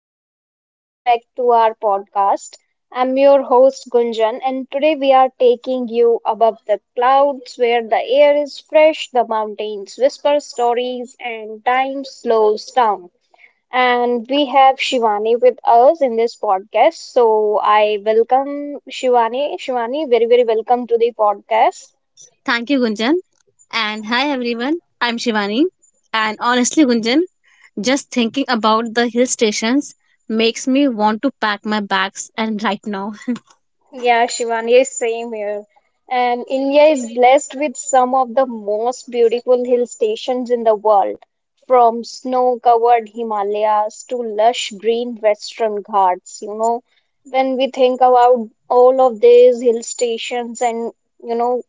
everyone, welcome back to our podcast. I'm your host Gunjan, and today we are taking you above the clouds where the air is fresh, the mountains whisper stories, and time slows down. And we have Shivani with us in this podcast. So, I welcome Shivani. Shivani, very, very welcome to the podcast. Thank you, Gunjan. And hi, everyone. I'm Shivani. And honestly, Gunjan, just thinking about the hill stations makes me want to pack my bags and right now. Yeah, Shivani, same here. And India is blessed with some of the most beautiful hill stations in the world, from snow-covered Himalayas to lush green Western Ghats. You know, when we think about all of these hill stations and, you know,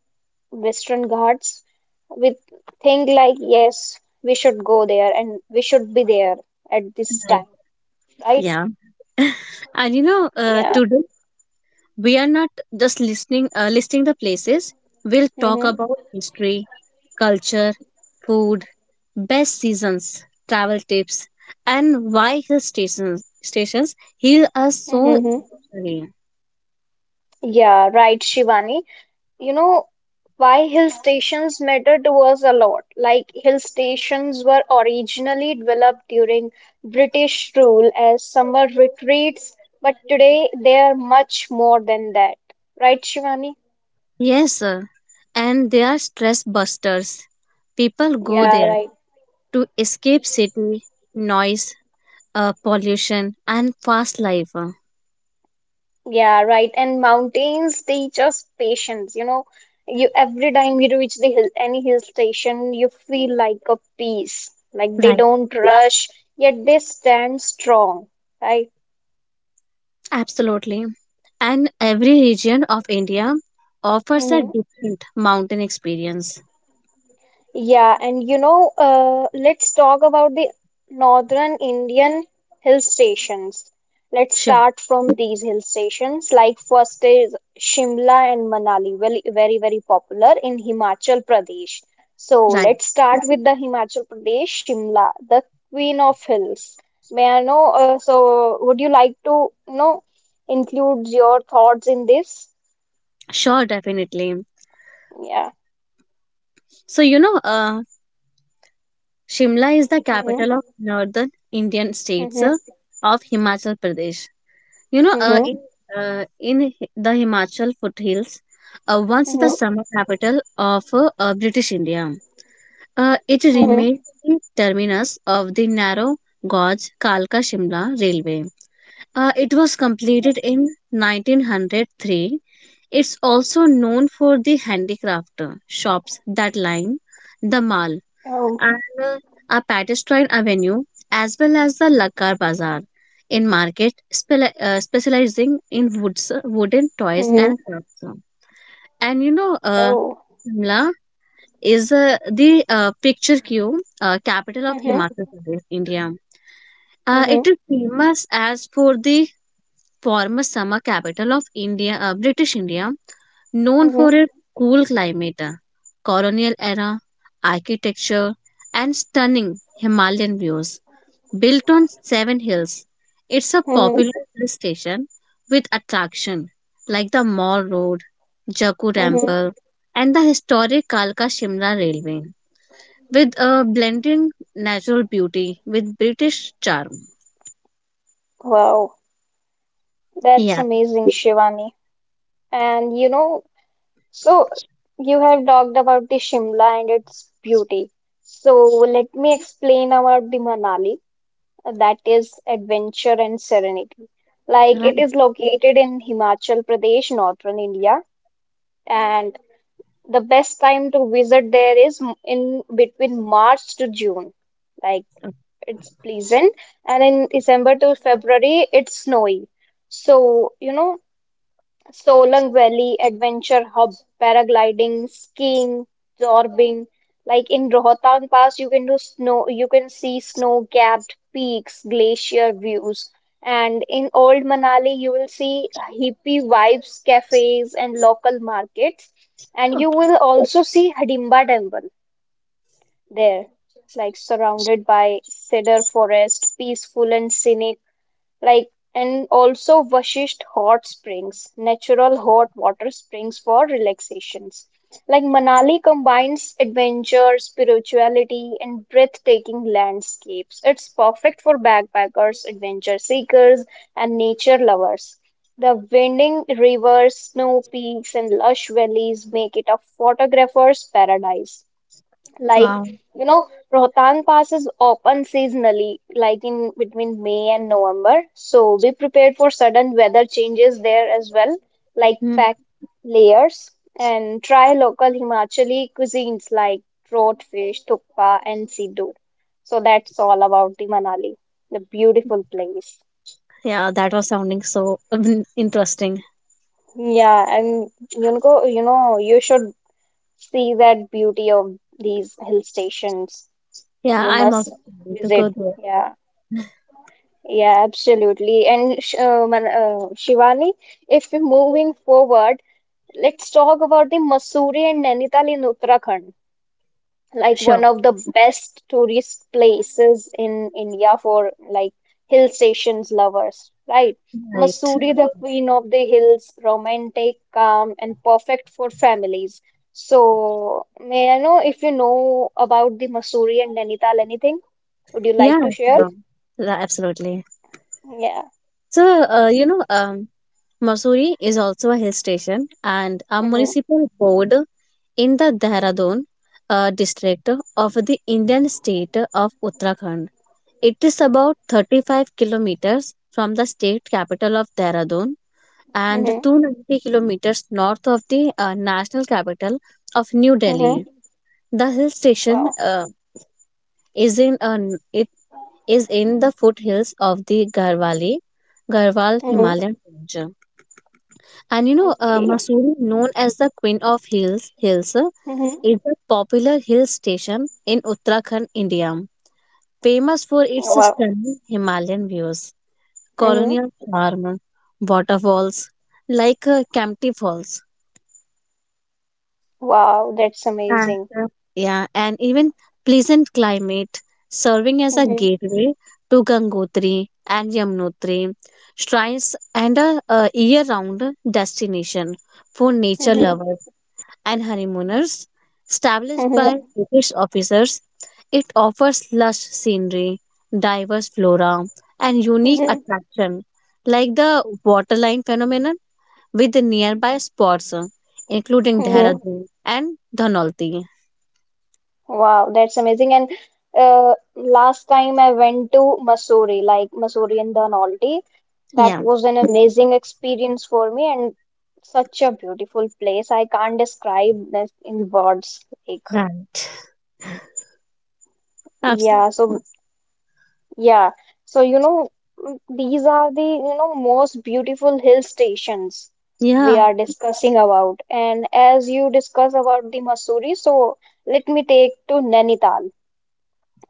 Western Ghats, we think like, yes, we should go there and we should be there at this Right. time, right? Yeah. And you know, Yeah. today we are not just listening, listing the places. We'll talk Mm-hmm. about history, culture, food, best seasons, travel tips, and why hill stations heal us so Mm-hmm. emotionally. Yeah, right, Shivani. You know why hill stations mattered was a lot. Like hill stations were originally developed during British rule as summer retreats, but today they are much more than that. Right, Shivani? Yes, sir. And they are stress busters. People go Yeah, there right. to escape city noise, pollution, and fast life. Yeah, right. And mountains teach us patience. You know, you every time you reach the hill, any hill station, you feel like a peace. Like they Right, don't, yeah, rush, yet they stand strong. Right? absolutely. And every region of India offers a Mm-hmm. different mountain experience. Yeah, and you know, let's talk about the northern Indian hill stations. Let's Sure, start from these hill stations. Like first is Shimla and Manali, very, very, very popular in Himachal Pradesh. So right. let's start with the Himachal Pradesh, Shimla, the queen of hills. May I know? So would you like to, you know, include your thoughts in this? Sure, definitely. Yeah. So, you know, Shimla is the Mm-hmm. capital of northern Indian states Mm-hmm. Of Himachal Pradesh. You know, Mm-hmm. In the Himachal foothills, once the Mm-hmm. summer capital of British India, it remained Mm-hmm. the terminus of the narrow gauge Kalka Shimla railway. It was completed in 1903. It's also known for the handicraft shops that line the mall Oh. and uh, a pedestrian avenue as well as the Lakar Bazaar in market specializing in woods, wooden toys and crafts. And you know, Oh. Shimla is the picture cue capital of Mhm. Himachal Pradesh, India. It Mhm. is famous as for the former summer capital of India, British India, known for Mhm. its cool climate, colonial era architecture, and stunning Himalayan views. Built on seven hills, it's a popular Mhm. hill station with attraction like the Mall Road, Jaku Temple, Mhm. and the historic Kalka Shimla Railway, with a blending natural beauty with British charm. Wow. That's Yeah, amazing, Shivani. And you know, so you have talked about the Shimla and its beauty. So let me explain about the Manali, that is adventure and serenity. Like it right. is located in Himachal Pradesh, northern India, and the best time to visit there is in between March to June. Like it's pleasant, and in December to February, it's snowy. So, you know, Solang Valley, adventure hub, paragliding, skiing, zorbing. Like in Rohtang Pass, you can do snow, you can see snow-capped peaks, glacier views. And in Old Manali, you will see hippie vibes, cafes, and local markets. And you Okay. will also see Hidimba Temple there, like surrounded by cedar forest, peaceful and scenic, like and also Vashisht hot springs, natural hot water springs for relaxations. Like Manali combines adventure, spirituality, and breathtaking landscapes. It's perfect for backpackers, adventure seekers, and nature lovers. The winding rivers, snow peaks, and lush valleys make it a photographer's paradise. Wow. Like, you know, Rohtan Pass is open seasonally, like in between May and November. So be prepared for sudden weather changes there as well, like pack layers and try local Himachali cuisines like trot fish, thukpa, and siddu. So that's all about the Manali, the beautiful place. Yeah, that was sounding so interesting. Yeah, and you know, you should see that beauty of these hill stations. Yeah, You I'm also must planning to visit. go there. Yeah. Yeah, absolutely. And Shivani, if we're moving forward, let's talk about the Mussoorie and Nainital in Uttarakhand, like one Sure. of the best tourist places in India for like hill stations lovers, right? Right. Mussoorie, the queen of the hills, romantic, calm, and perfect for families. So, may I know if you know about the Mussoorie and Nainital anything? Would you Yeah, like to share? sure. Yeah, absolutely. Yeah. So, Mussoorie is also a hill station and a Hmm. municipal board in the Dehradun district of the Indian state of Uttarakhand. It is about 35 kilometers from the state capital of Dehradun and Hmm. 290 kilometers north of the national capital of New Delhi. Hmm. The hill station Wow. Is in an it is in the foothills of the Garhwal Mm-hmm. Himalayan range. And you know, Okay. Mussoorie, known as the Queen of Hills, Mm-hmm. is a popular hill station in Uttarakhand, India, famous for its Wow. stunning Himalayan views, Mm-hmm. colonial charm, waterfalls like Kempty Falls. Wow, that's Ah, amazing. true. Yeah, and even pleasant climate, serving as a Mm-hmm. gateway to Gangotri and Yamunotri, shrines and a year-round destination for nature Mm-hmm. lovers and honeymooners. Established Mm-hmm. by British officers, it offers lush scenery, diverse flora, and unique Mm-hmm. attraction like the waterline phenomenon with the nearby spots, including Mm-hmm. Dehradun and Dhanolti. Wow, that's amazing. And last time I went to Mussoorie, like Mussoorie in the Nolte. That Yeah. was an amazing experience for me and such a beautiful place. I can't describe this in words. Like, Right. Absolutely. yeah, so yeah, so you know, these are the, you know, most beautiful hill stations we Yeah. are discussing about. And as you discuss about the Mussoorie, so let me take to Nainital,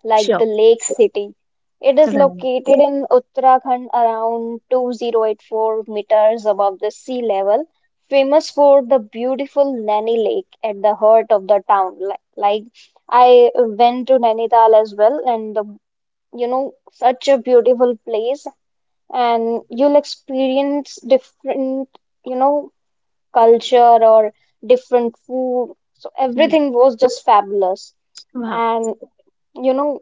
like Sure. the lake city. It is Right. located in Uttarakhand around 2084 meters above the sea level, famous for the beautiful Naini Lake at the heart of the town. Like, I went to Nainital as well, and the you know, such a beautiful place, and you'll experience different, you know, culture or different food. So Mm. everything was just fabulous. Wow. And you know,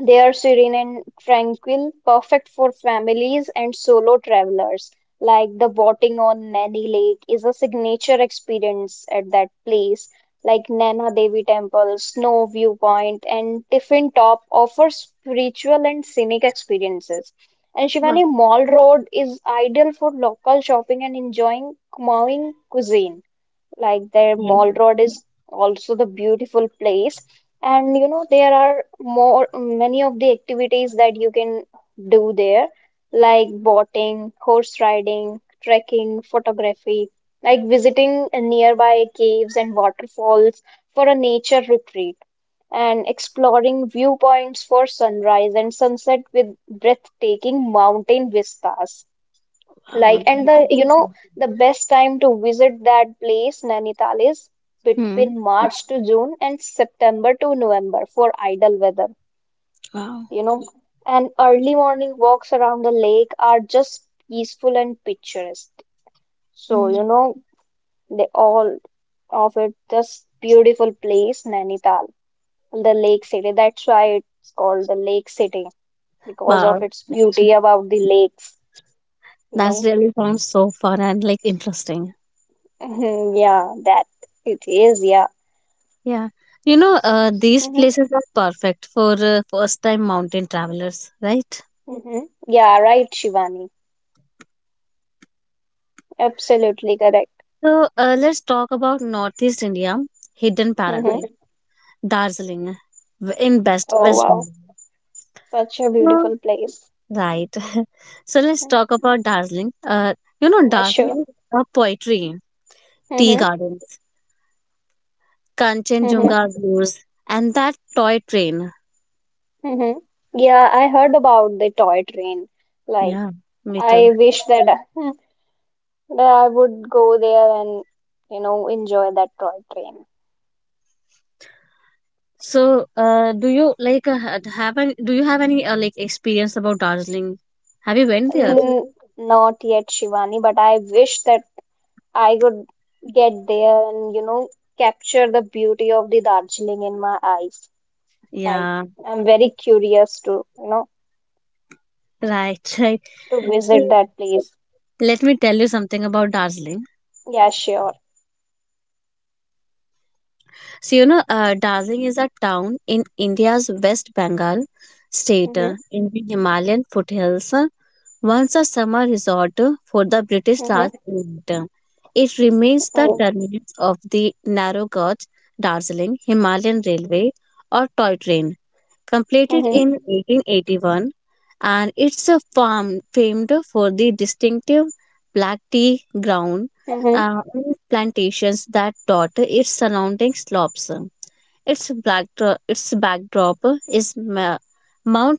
they are serene and tranquil, perfect for families and solo travelers. Like the boating on Naini Lake is a signature experience at that place. Like Nana Devi Temple, Snow Viewpoint, and Tiffin Top offer spiritual and scenic experiences. And Wow. Shivani Mall Road is ideal for local shopping and enjoying Kumaon cuisine, like their Yeah. mall road is also the beautiful place, and you know there are more many of the activities that you can do there, like boating, horse riding, trekking, photography, like visiting nearby caves and waterfalls for a nature retreat and exploring viewpoints for sunrise and sunset with breathtaking mountain vistas. Wow. Like, and the, that- you know, the best time to visit that place, Nainital, is Mm. between March to June and September to November for idle weather, Wow. you know. And early morning walks around the lake are just peaceful and picturesque. So, you Mm. know, they all of it, just beautiful place, Nainital, the lake city. That's why it's called the lake city because of Wow. its beauty about the lakes, you That's know. really sounds so fun and like interesting. Yeah, that it is, yeah. Yeah. You know, these Mm-hmm. places are perfect for first-time mountain travelers, right? Mm-hmm. Yeah, right, Shivani. Absolutely correct. So let's talk about Northeast India, hidden Mm-hmm. paradise, Darjeeling, in best Oh, West wow. Bengal. Such a So, beautiful place. Right. So let's Mm, talk about Darjeeling. You know, yeah, sure. Darjeeling is a poetry. Tea Mm-hmm. gardens, Mm-hmm. Kanchenjunga views, and that toy train. Mm-hmm. Yeah, I heard about the toy train. Like, Yeah, me I too. wish that I, that I would go there and, you know, enjoy that toy train. So, do you do you have any like experience about Darjeeling? Have you went there? Mm, not yet, Shivani, but I wish that I could get there and, you know, capture the beauty of the Darjeeling in my eyes. Right. Yeah, I'm very curious to, you know, right, right. to So, visit that place. let me tell you something about Darjeeling. Yeah, sure. So, you know, Darjeeling is a town in India's West Bengal state Mm-hmm. in the Himalayan foothills. Once a summer resort for the British Mm-hmm. last winter. It remains the Oh. terminus of the narrow gauge Darjeeling Himalayan Railway or toy train, completed Mm-hmm. in 1881, and it's a farm famed for the distinctive black tea ground Mm-hmm. And plantations that dot its surrounding slopes. Its backdrop is Mount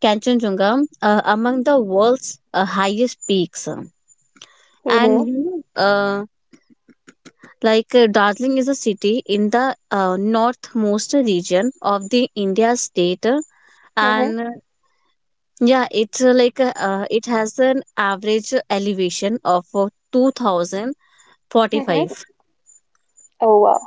Kanchenjunga, among the world's highest peaks. And Mm-hmm. you know, Darjeeling is a city in the northmost region of the India state, Mm-hmm. and yeah, it's it has an average elevation of two thousand Mm-hmm. forty-five. Oh, wow.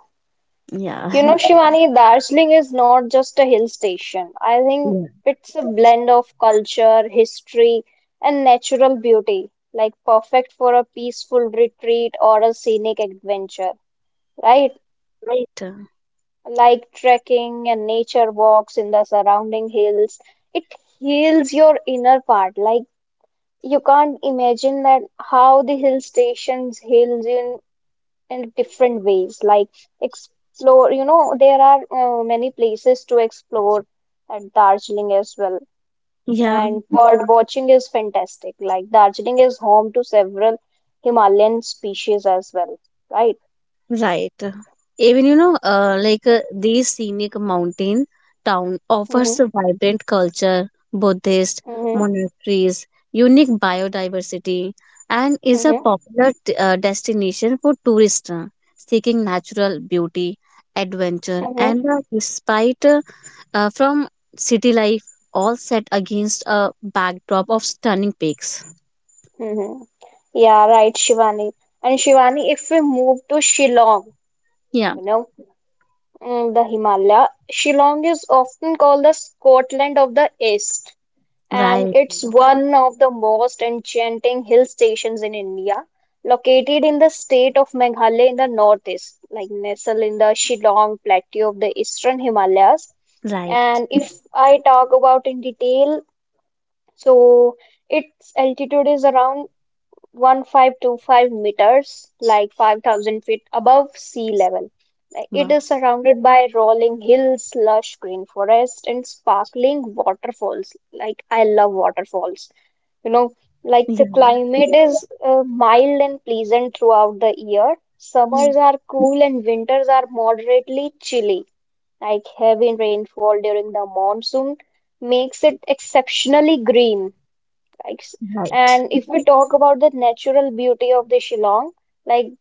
You Yeah, know, Shivani, Darjeeling is not just a hill station. I think yeah, it's a blend of culture, history, and natural beauty, like perfect for a peaceful retreat or a scenic adventure, right? right. Like trekking and nature walks in the surrounding hills. It heals your inner part. Like you can't imagine that how the hill stations heals in different ways. Like explore, you know, there are many places to explore at Darjeeling as well. Yeah. And bird watching is fantastic. Like Darjeeling is home to several Himalayan species as well, right? Right. Even you know, these scenic mountain town Mm-hmm, offers a vibrant culture, Buddhist mm-hmm, monasteries, unique biodiversity, and is a mm-hmm, popular destination for tourists seeking natural beauty, adventure, mm-hmm. and respite from city life, all set against a backdrop of stunning peaks. Hmm. Yeah, right, Shivani. And Shivani, if we move to Shillong, Yeah. you know, the Himalaya, Shillong is often called the Scotland of the East, and Right. it's one of the most enchanting hill stations in India, located in the state of Meghalaya in the northeast, like nestled in the Shillong Plateau of the Eastern Himalayas. Right. And if I talk about in detail, so its altitude is around 1525 meters, like 5,000 feet above sea level. It Wow. is surrounded by rolling hills, lush green forest, and sparkling waterfalls. Like, I love waterfalls. You know, like the Yeah. climate is mild and pleasant throughout the year. Mm. Summers are cool and winters are moderately chilly. Like, heavy rainfall during the monsoon makes it exceptionally green aspects. Right. And if we talk about the natural beauty of the Shillong, like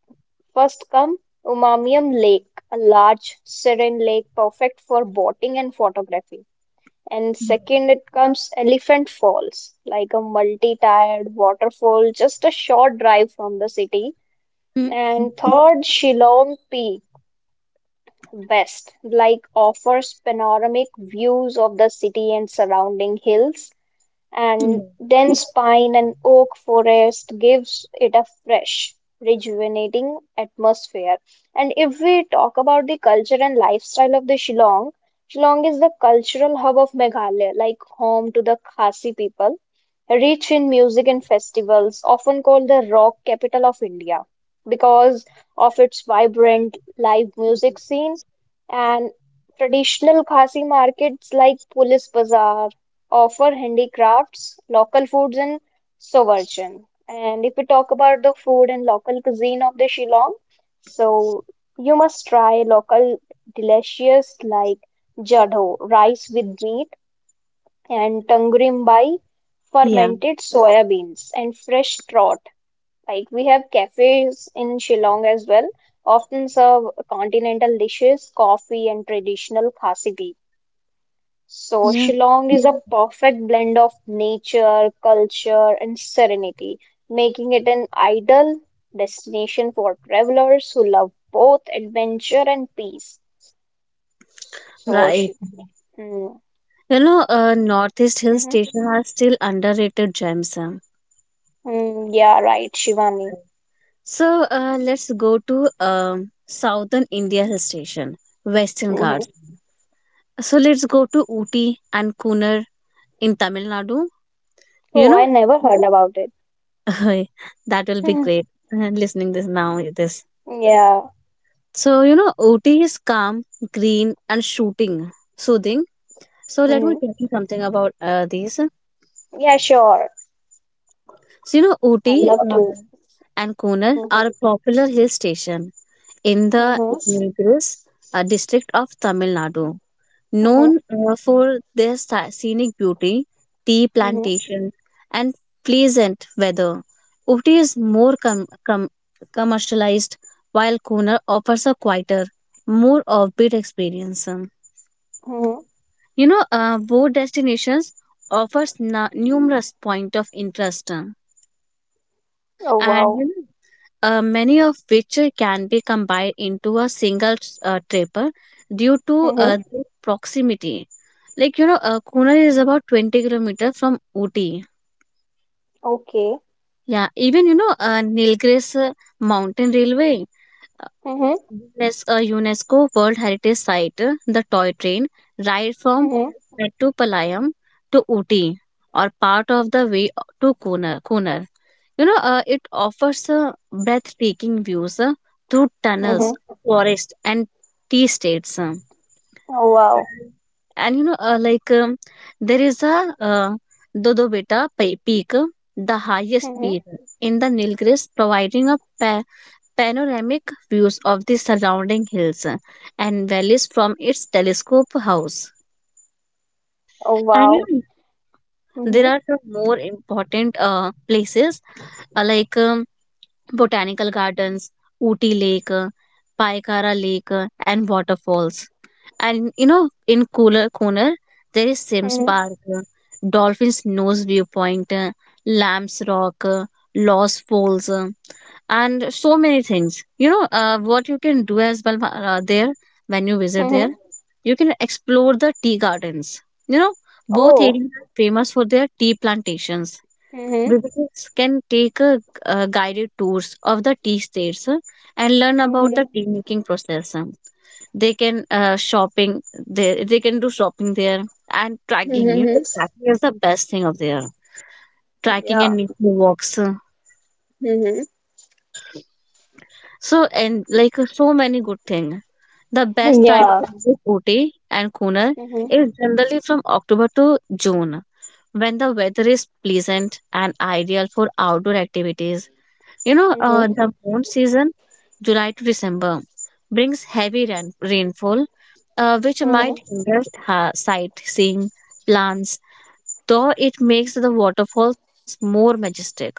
first come Umamiam Lake, a large serene lake perfect for boating and photography. And second, it comes Elephant Falls, like a multi-tiered waterfall, just a short drive from the city. Mm. And third, Shillong Peak West, like offers panoramic views of the city and surrounding hills, Mm. and dense pine and oak forest gives it a fresh, rejuvenating atmosphere. And if we talk about the culture and lifestyle of the Shillong, Shillong is the cultural hub of Meghalaya, like home to the Khasi people, rich in music and festivals, often called the rock capital of India because of its vibrant live music scene and traditional Khasi markets like Pulis Bazaar offer handicrafts, local foods, and sovarchan. And if we talk about the food and local cuisine of the Shillong, so you must try local delicious like jadho, rice with meat, and tangrim bai, Yeah, fermented soya beans and fresh trot. Like we have cafes in Shillong as well, often serve continental dishes, coffee, and traditional Khasi tea. So yeah, Shillong is a perfect blend of nature, culture, and serenity, making it an ideal destination for travelers who love both adventure and peace. So right. Shivani. Hmm. You know, Northeast Hill Hmm. Station are still underrated gems. Mm, yeah, right, Shivani. So let's go to Southern India Hill Station, Western Hmm. Ghats. So let's go to Ooty and Kunar in Tamil Nadu. You Oh, know, I never heard about it. that will be great. Listening this now, this. Yeah. So you know, Ooty is calm, green, and shooting, soothing. So let me Hmm. tell you something about these. Yeah, sure. So, you know, I Ooty love uh, to. and Konar Hmm. are popular hill station in the Hmm. Nilgiris district of Tamil Nadu, Hmm. known for their scenic beauty, tea Hmm. plantations, and pleasant weather. Ooty is more commercialized, while Konar offers a quieter, more offbeat experience. Hmm. You know, both destinations offers numerous point of interest, Oh, and you wow. know, many of which can be combined into a single trip due to Hmm. Their proximity. Like you know, Kunar is about 20 kilometers from Ooty. Okay. Yeah, even you know, Nilgiris Mountain Railway. Hmm. Yes, a UNESCO World Heritage Site, the toy train ride from Hmm. Mettupalayam to Ooty or part of the way to Kunar. You know, it offers breathtaking views through tunnels, Hmm. forests, and tea states. Oh, wow. Mhm. And you know, there is a uh, Dodobeta peak, the highest Hmm. peak in the Nilgiris, providing a panoramic views of the surrounding hills and valleys from its telescope house. Oh, And you wow. know, there Hmm. are some more important places uh, like um, botanical gardens, Ooty Lake, Paikara Lake, and waterfalls. And you know, in cooler corner, there is Sims Hmm. Park, Dolphin's Nose Viewpoint, Lamb's Rock, Lost Falls, and so many things. You know, what you can do as well there when you visit there, Hmm. you can explore the tea gardens. You know, both Oh. areas are famous for their tea plantations. Hmm. Visitors can take a guided tours of the tea states and learn about Hmm. the tea making process. They can they can do shopping there. And tracking, you know, Hmm. tracking is the best thing of there. Tracking and Yeah. nature walks, Hmm. so and like so many good thing. The best time Yeah. to visit Ooty and Kunar is Hmm. generally from October to June when the weather is pleasant and ideal for outdoor activities. You know, Hmm. Hmm. the monsoon season, July to December, brings heavy rainfall, which might hinder sightseeing plans, though it makes the waterfalls more majestical.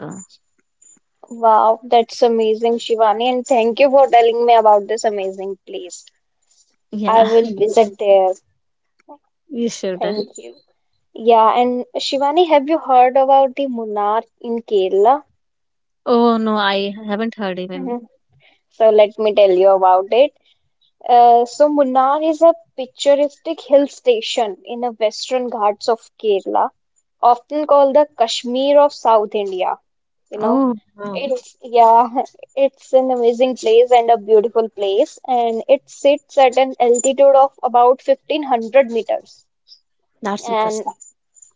Wow, that's amazing, Shivani, and thank you for telling me about this amazing place. I Yeah, will visit there. you should. Thank you. Yeah, and Shivani, have you heard about the Munnar in Kerala? Oh no, I haven't heard even. Mhm. So let me tell you about it. So Munnar is a picturesque hill station in the Western Ghats of Kerala, often called the Kashmir of South India. You know, Oh wow, it's it's an amazing place and a beautiful place, and it sits at an altitude of about 1500 meters. that's And interesting.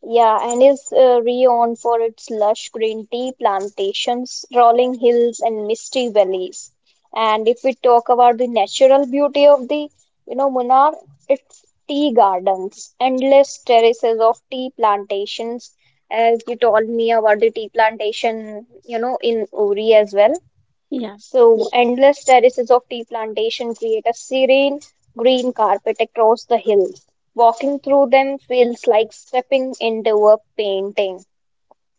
Yeah, and is renowned for its lush green tea plantations, rolling hills, and misty valleys. And if we talk about the natural beauty of the, you know, Munnar, it's tea gardens, endless terraces of tea plantations, as you told me about the tea plantation, you know, in Uri as well. Yeah. So, endless terraces of tea plantation create a serene green carpet across the hills. Walking through them feels like stepping into a painting.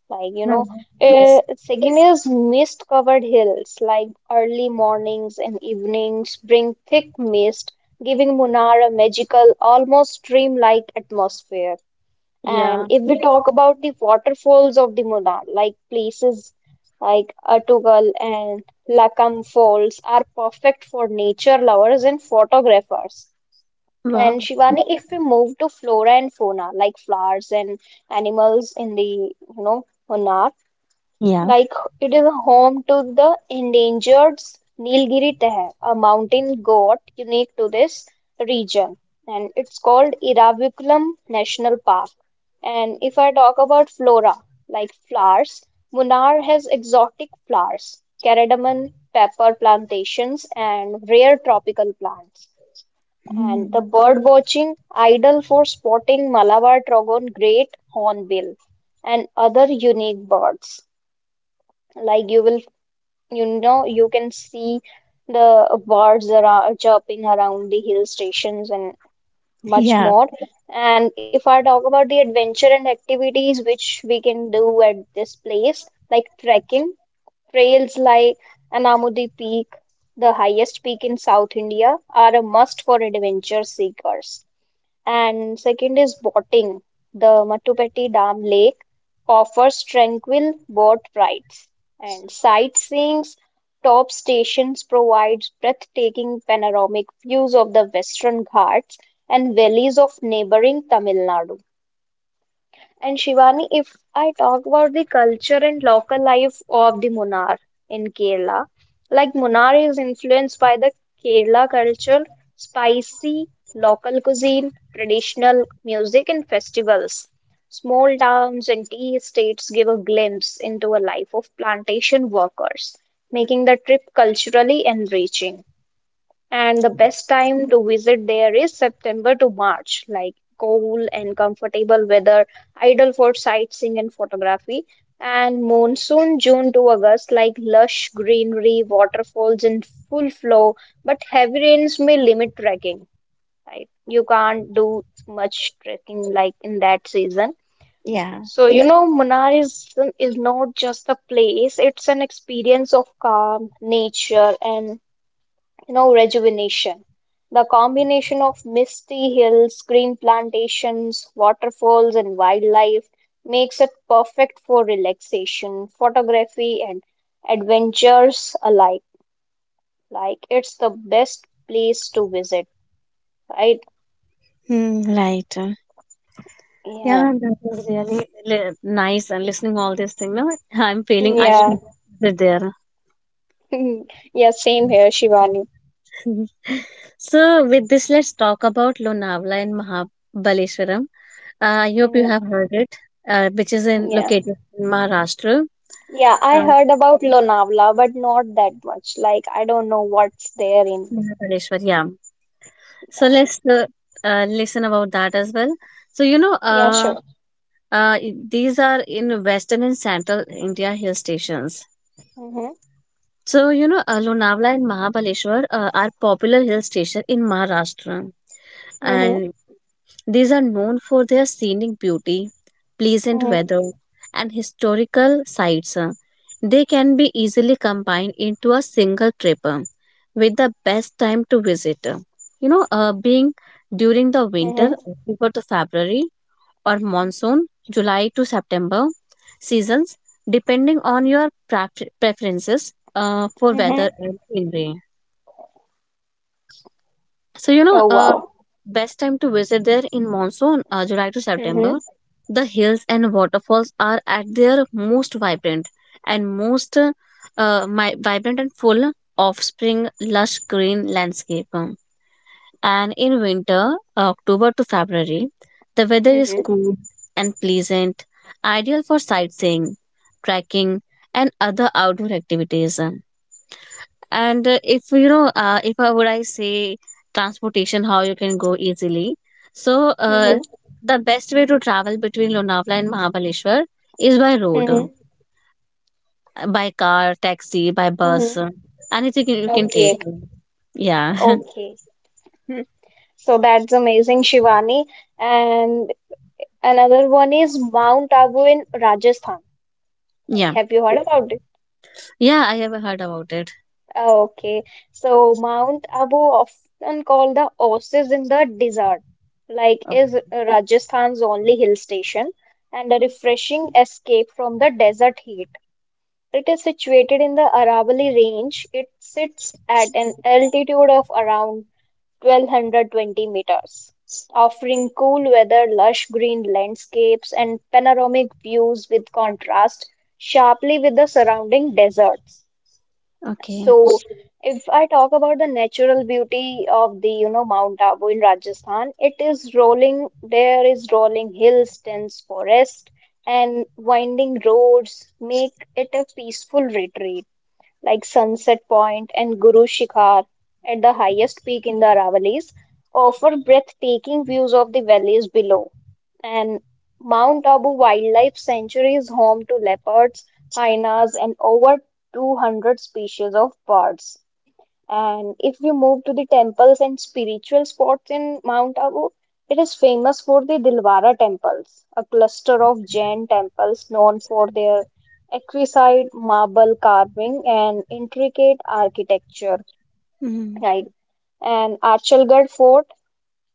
Like, you No, know, no, yes. Sagina's mist-covered hills, like early mornings and evenings, bring thick mist, giving Munnar a magical, almost dreamlike atmosphere. Yeah. And if we talk about the waterfalls of the Munnar, like places like Atugal and Lakam Falls are perfect for nature lovers and photographers. Wow. And Shivani, if we move to flora and fauna, like flowers and animals in the, you know, Munnar, Yeah. like it is home to the endangered Nilgiri Tehe, a mountain goat unique to this region, and it's called Iravakulam National Park. And if I talk about flora, like flowers, Munnar has exotic flowers, cardamom, pepper plantations, and rare tropical plants. And the Mm. bird watching, ideal for spotting Malabar trogon great hornbill and other unique birds. Like you know you can see the birds are chirping around the hill stations and much Yeah. more. And if I talk about the adventure and activities which we can do at this place, like trekking trails like Anamudi Peak, the highest peak in South India, are a must for adventure seekers. And second is boating. The Matupeti Dam Lake offers tranquil boat rides and sightseeing. Top stations provides breathtaking panoramic views of the Western Ghats and valleys of neighboring Tamil Nadu. And Shivani, if I talk about the culture and local life of the Munnar in Kerala, like Munnar is influenced by the Kerala culture, spicy local cuisine, traditional music, and festivals. Small towns and tea estates give a glimpse into a life of plantation workers, making the trip culturally enriching. And the best time to visit there is September to March, like cool and comfortable weather, ideal for sightseeing and photography. And monsoon, June to August, like lush greenery, waterfalls in full flow, but heavy rains may limit trekking, right? You can't do much trekking like in that season. Yeah. So, you know, Munnar is not just a place, it's an experience of calm, nature, and you know rejuvenation. The combination of misty hills, green plantations, waterfalls, and wildlife makes it perfect for relaxation, photography, and adventures alike. Like, it's the best place to visit, right? Mm, right. Yeah, Yeah, that was really nice and listening all this thing. No, I'm feeling I Yeah. should be there. Yeah, yeah, same here, Shivani. Mhm. So, with this, let's talk about Lonavala and Mahabaleshwaram. I hope you Mm, have heard it, which is in, yeah, located in Maharashtra. yeah, I Uh, heard about Lonavala, but not that much. Like, I don't know what's there in. Mahabaleshwar, yeah. So Yeah, let's listen about that as well. So you know, yeah, sure. These are in western and central India hill stations. Mm-hmm, So you know, Lonavala and Mahabaleshwar are popular hill station in Maharashtra, mm-hmm. and these are known for their scenic beauty, pleasant Mm-hmm. weather, and historical sites. They can be easily combined into a single trip, with the best time to visit. You know, being during the Mm-hmm. winter, October to February, or monsoon, July to September seasons, depending on your preferences for weather Mm-hmm. and scenery. So you know, Oh wow. best time to visit there in monsoon, July to Mm-hmm. September. The hills and waterfalls are at their most vibrant most vibrant and full of spring lush green landscape. And in winter, October to February, the weather is Mm-hmm. cool and pleasant, ideal for sightseeing, trekking, and other outdoor activities. And if you know, if I would I say transportation, how you can go easily. So Mm-hmm. the best way to travel between Lonavala and Mahabaleshwar is by road, Mm-hmm. by car, taxi, by bus, Mm-hmm. Anything you can take. Okay. Yeah, Okay. Hmm. So that's amazing, Shivani. And another one is Mount Abu in Rajasthan. Like, yeah, have you heard about it? yeah. I have heard about it. Oh, okay. So Mount Abu, often called the oasis in the desert, like is Rajasthan's only hill station and a refreshing escape from the desert heat. It is situated in the Aravalli Range. It sits at an altitude of around 1220 meters, offering cool weather, lush green landscapes, and panoramic views with contrast sharply with the surrounding deserts. Okay. So, if I talk about the natural beauty of the, you know, Mount Abu in Rajasthan, it is rolling, there is rolling hills, dense forest, and winding roads make it a peaceful retreat like Sunset Point and Guru Shikhar at the highest peak in the Aravallis, offer breathtaking views of the valleys below. And Mount Abu Wildlife Sanctuary is home to leopards, hyenas, and over 200 species of birds. And if you move to the temples and spiritual spots in Mount Abu, it is famous for the Dilwara temples, a cluster of Jain temples known for their exquisite marble carving and intricate architecture. Mm, Right. And Archalgarh Fort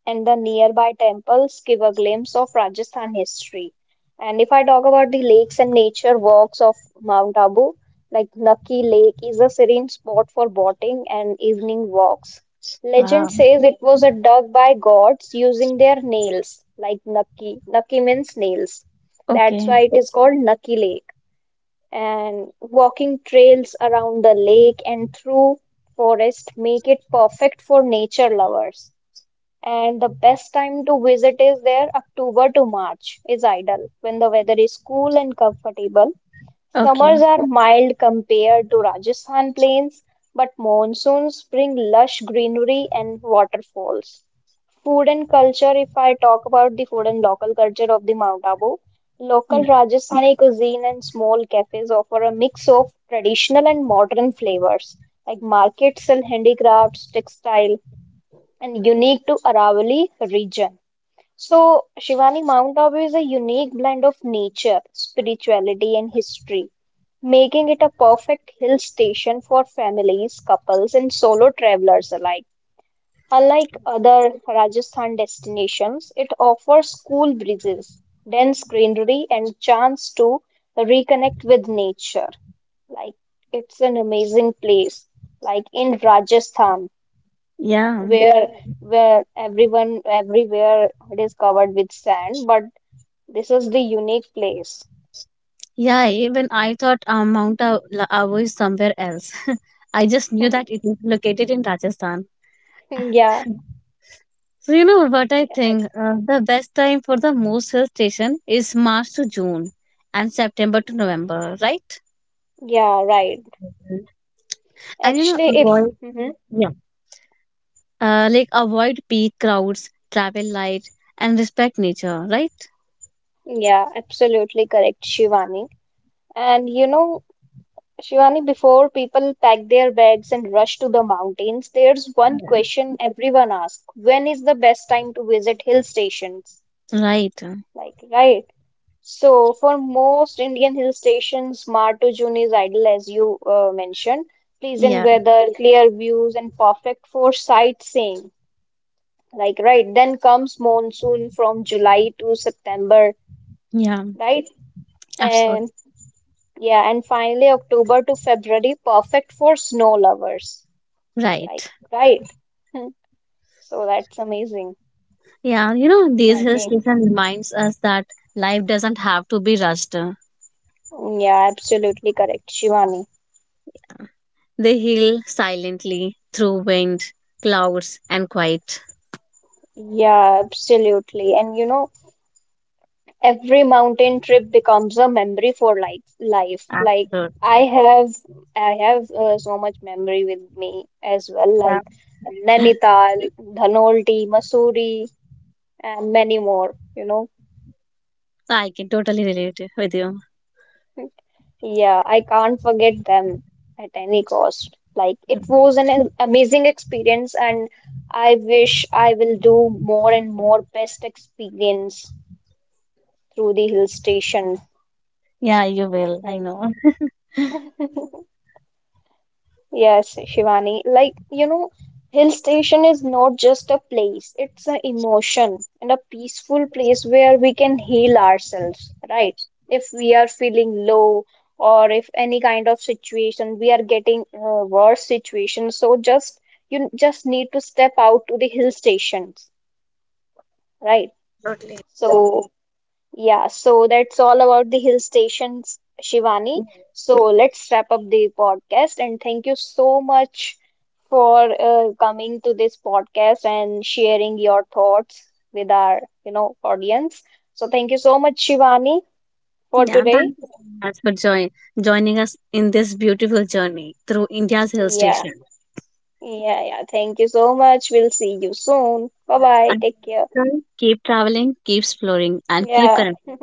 and the nearby temples give a glimpse of Rajasthan history. And if I talk about the lakes and nature walks of Mount Abu, like Naki Lake is a serene spot for boating and evening walks. Legend wow. says it was dug by gods using their nails, like Naki. Naki means nails. That's Okay. why it is called Naki Lake. And walking trails around the lake and through forest make it perfect for nature lovers. And the best time to visit is there, October to March is ideal when the weather is cool and comfortable. Summers Okay. are mild compared to Rajasthan plains, but monsoons bring lush greenery and waterfalls. Food and culture, if I talk about the food and local culture of the Mount Abu, local Yeah. Rajasthani cuisine and small cafes offer a mix of traditional and modern flavors, like markets sell handicrafts, textile, and unique to Aravali region. So, Shivani, Mount Abu is a unique blend of nature, spirituality, and history, making it a perfect hill station for families, couples, and solo travelers alike. Unlike other Rajasthan destinations, it offers cool breezes, dense greenery, and chance to reconnect with nature. Like it's an amazing place. Like in Rajasthan, Yeah. where where everyone everywhere it is covered with sand, but this is the unique place. Yeah. Even I thought Mount Abu is somewhere else. I just knew that it is located in Rajasthan. Yeah, So you know what I yeah, think? that's The best time for the most hill station is March to June and September to November, right? yeah, right. And you know, Actually, if avoid mhm, yeah, like avoid peak crowds, travel light, and respect nature, right? yeah, absolutely correct, Shivani. And you know, Shivani, before people pack their bags and rush to the mountains, there's one question everyone asks: when is the best time to visit hill stations? Right. Like, right. So, for most Indian hill stations, Mar to June is ideal, as you mentioned. Pleasant Yeah. weather, clear views, and perfect for sightseeing. Like, right. Then comes monsoon from July to September, Yeah. right? Absolutely. And yeah, and finally October to February, perfect for snow lovers. Like, Right. right. Hmm. So, that's amazing, Yeah. You know, these I hill think. station reminds us that life doesn't have to be rushed. Yeah, absolutely correct, Shivani. They heal silently through wind, clouds, and quiet. Yeah, absolutely. And you know, every mountain trip becomes a memory for like life. Like Absolutely. I have, I have so much memory with me as well. Yeah. Like Nainital, Dhanolti, Mussoorie, and many more. You know, I can totally relate with you. yeah, I can't forget them at any cost. Like it was an amazing experience, and I wish I will do more and more best experience through the hill station. Yeah, you will. I know. Right. Yes, Shivani. Like, you know, hill station is not just a place, it's an emotion and a peaceful place where we can heal ourselves, right? If we are feeling low or if any kind of situation we are getting worse situation, so just you just need to step out to the hill stations, right? So yeah, so that's all about the hill stations, Shivani. So let's wrap up the podcast and thank you so much for coming to this podcast and sharing your thoughts with our, you know, audience. So thank you so much, Shivani, for Yeah, today. thank you so much for joining us in this beautiful journey through India's hill Yeah, station. Yeah, yeah, thank you so much. We'll see you soon. Bye bye. And Take care. keep traveling, keep exploring, and keep Yeah. connecting.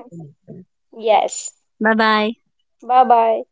Yes. Bye bye. Bye bye.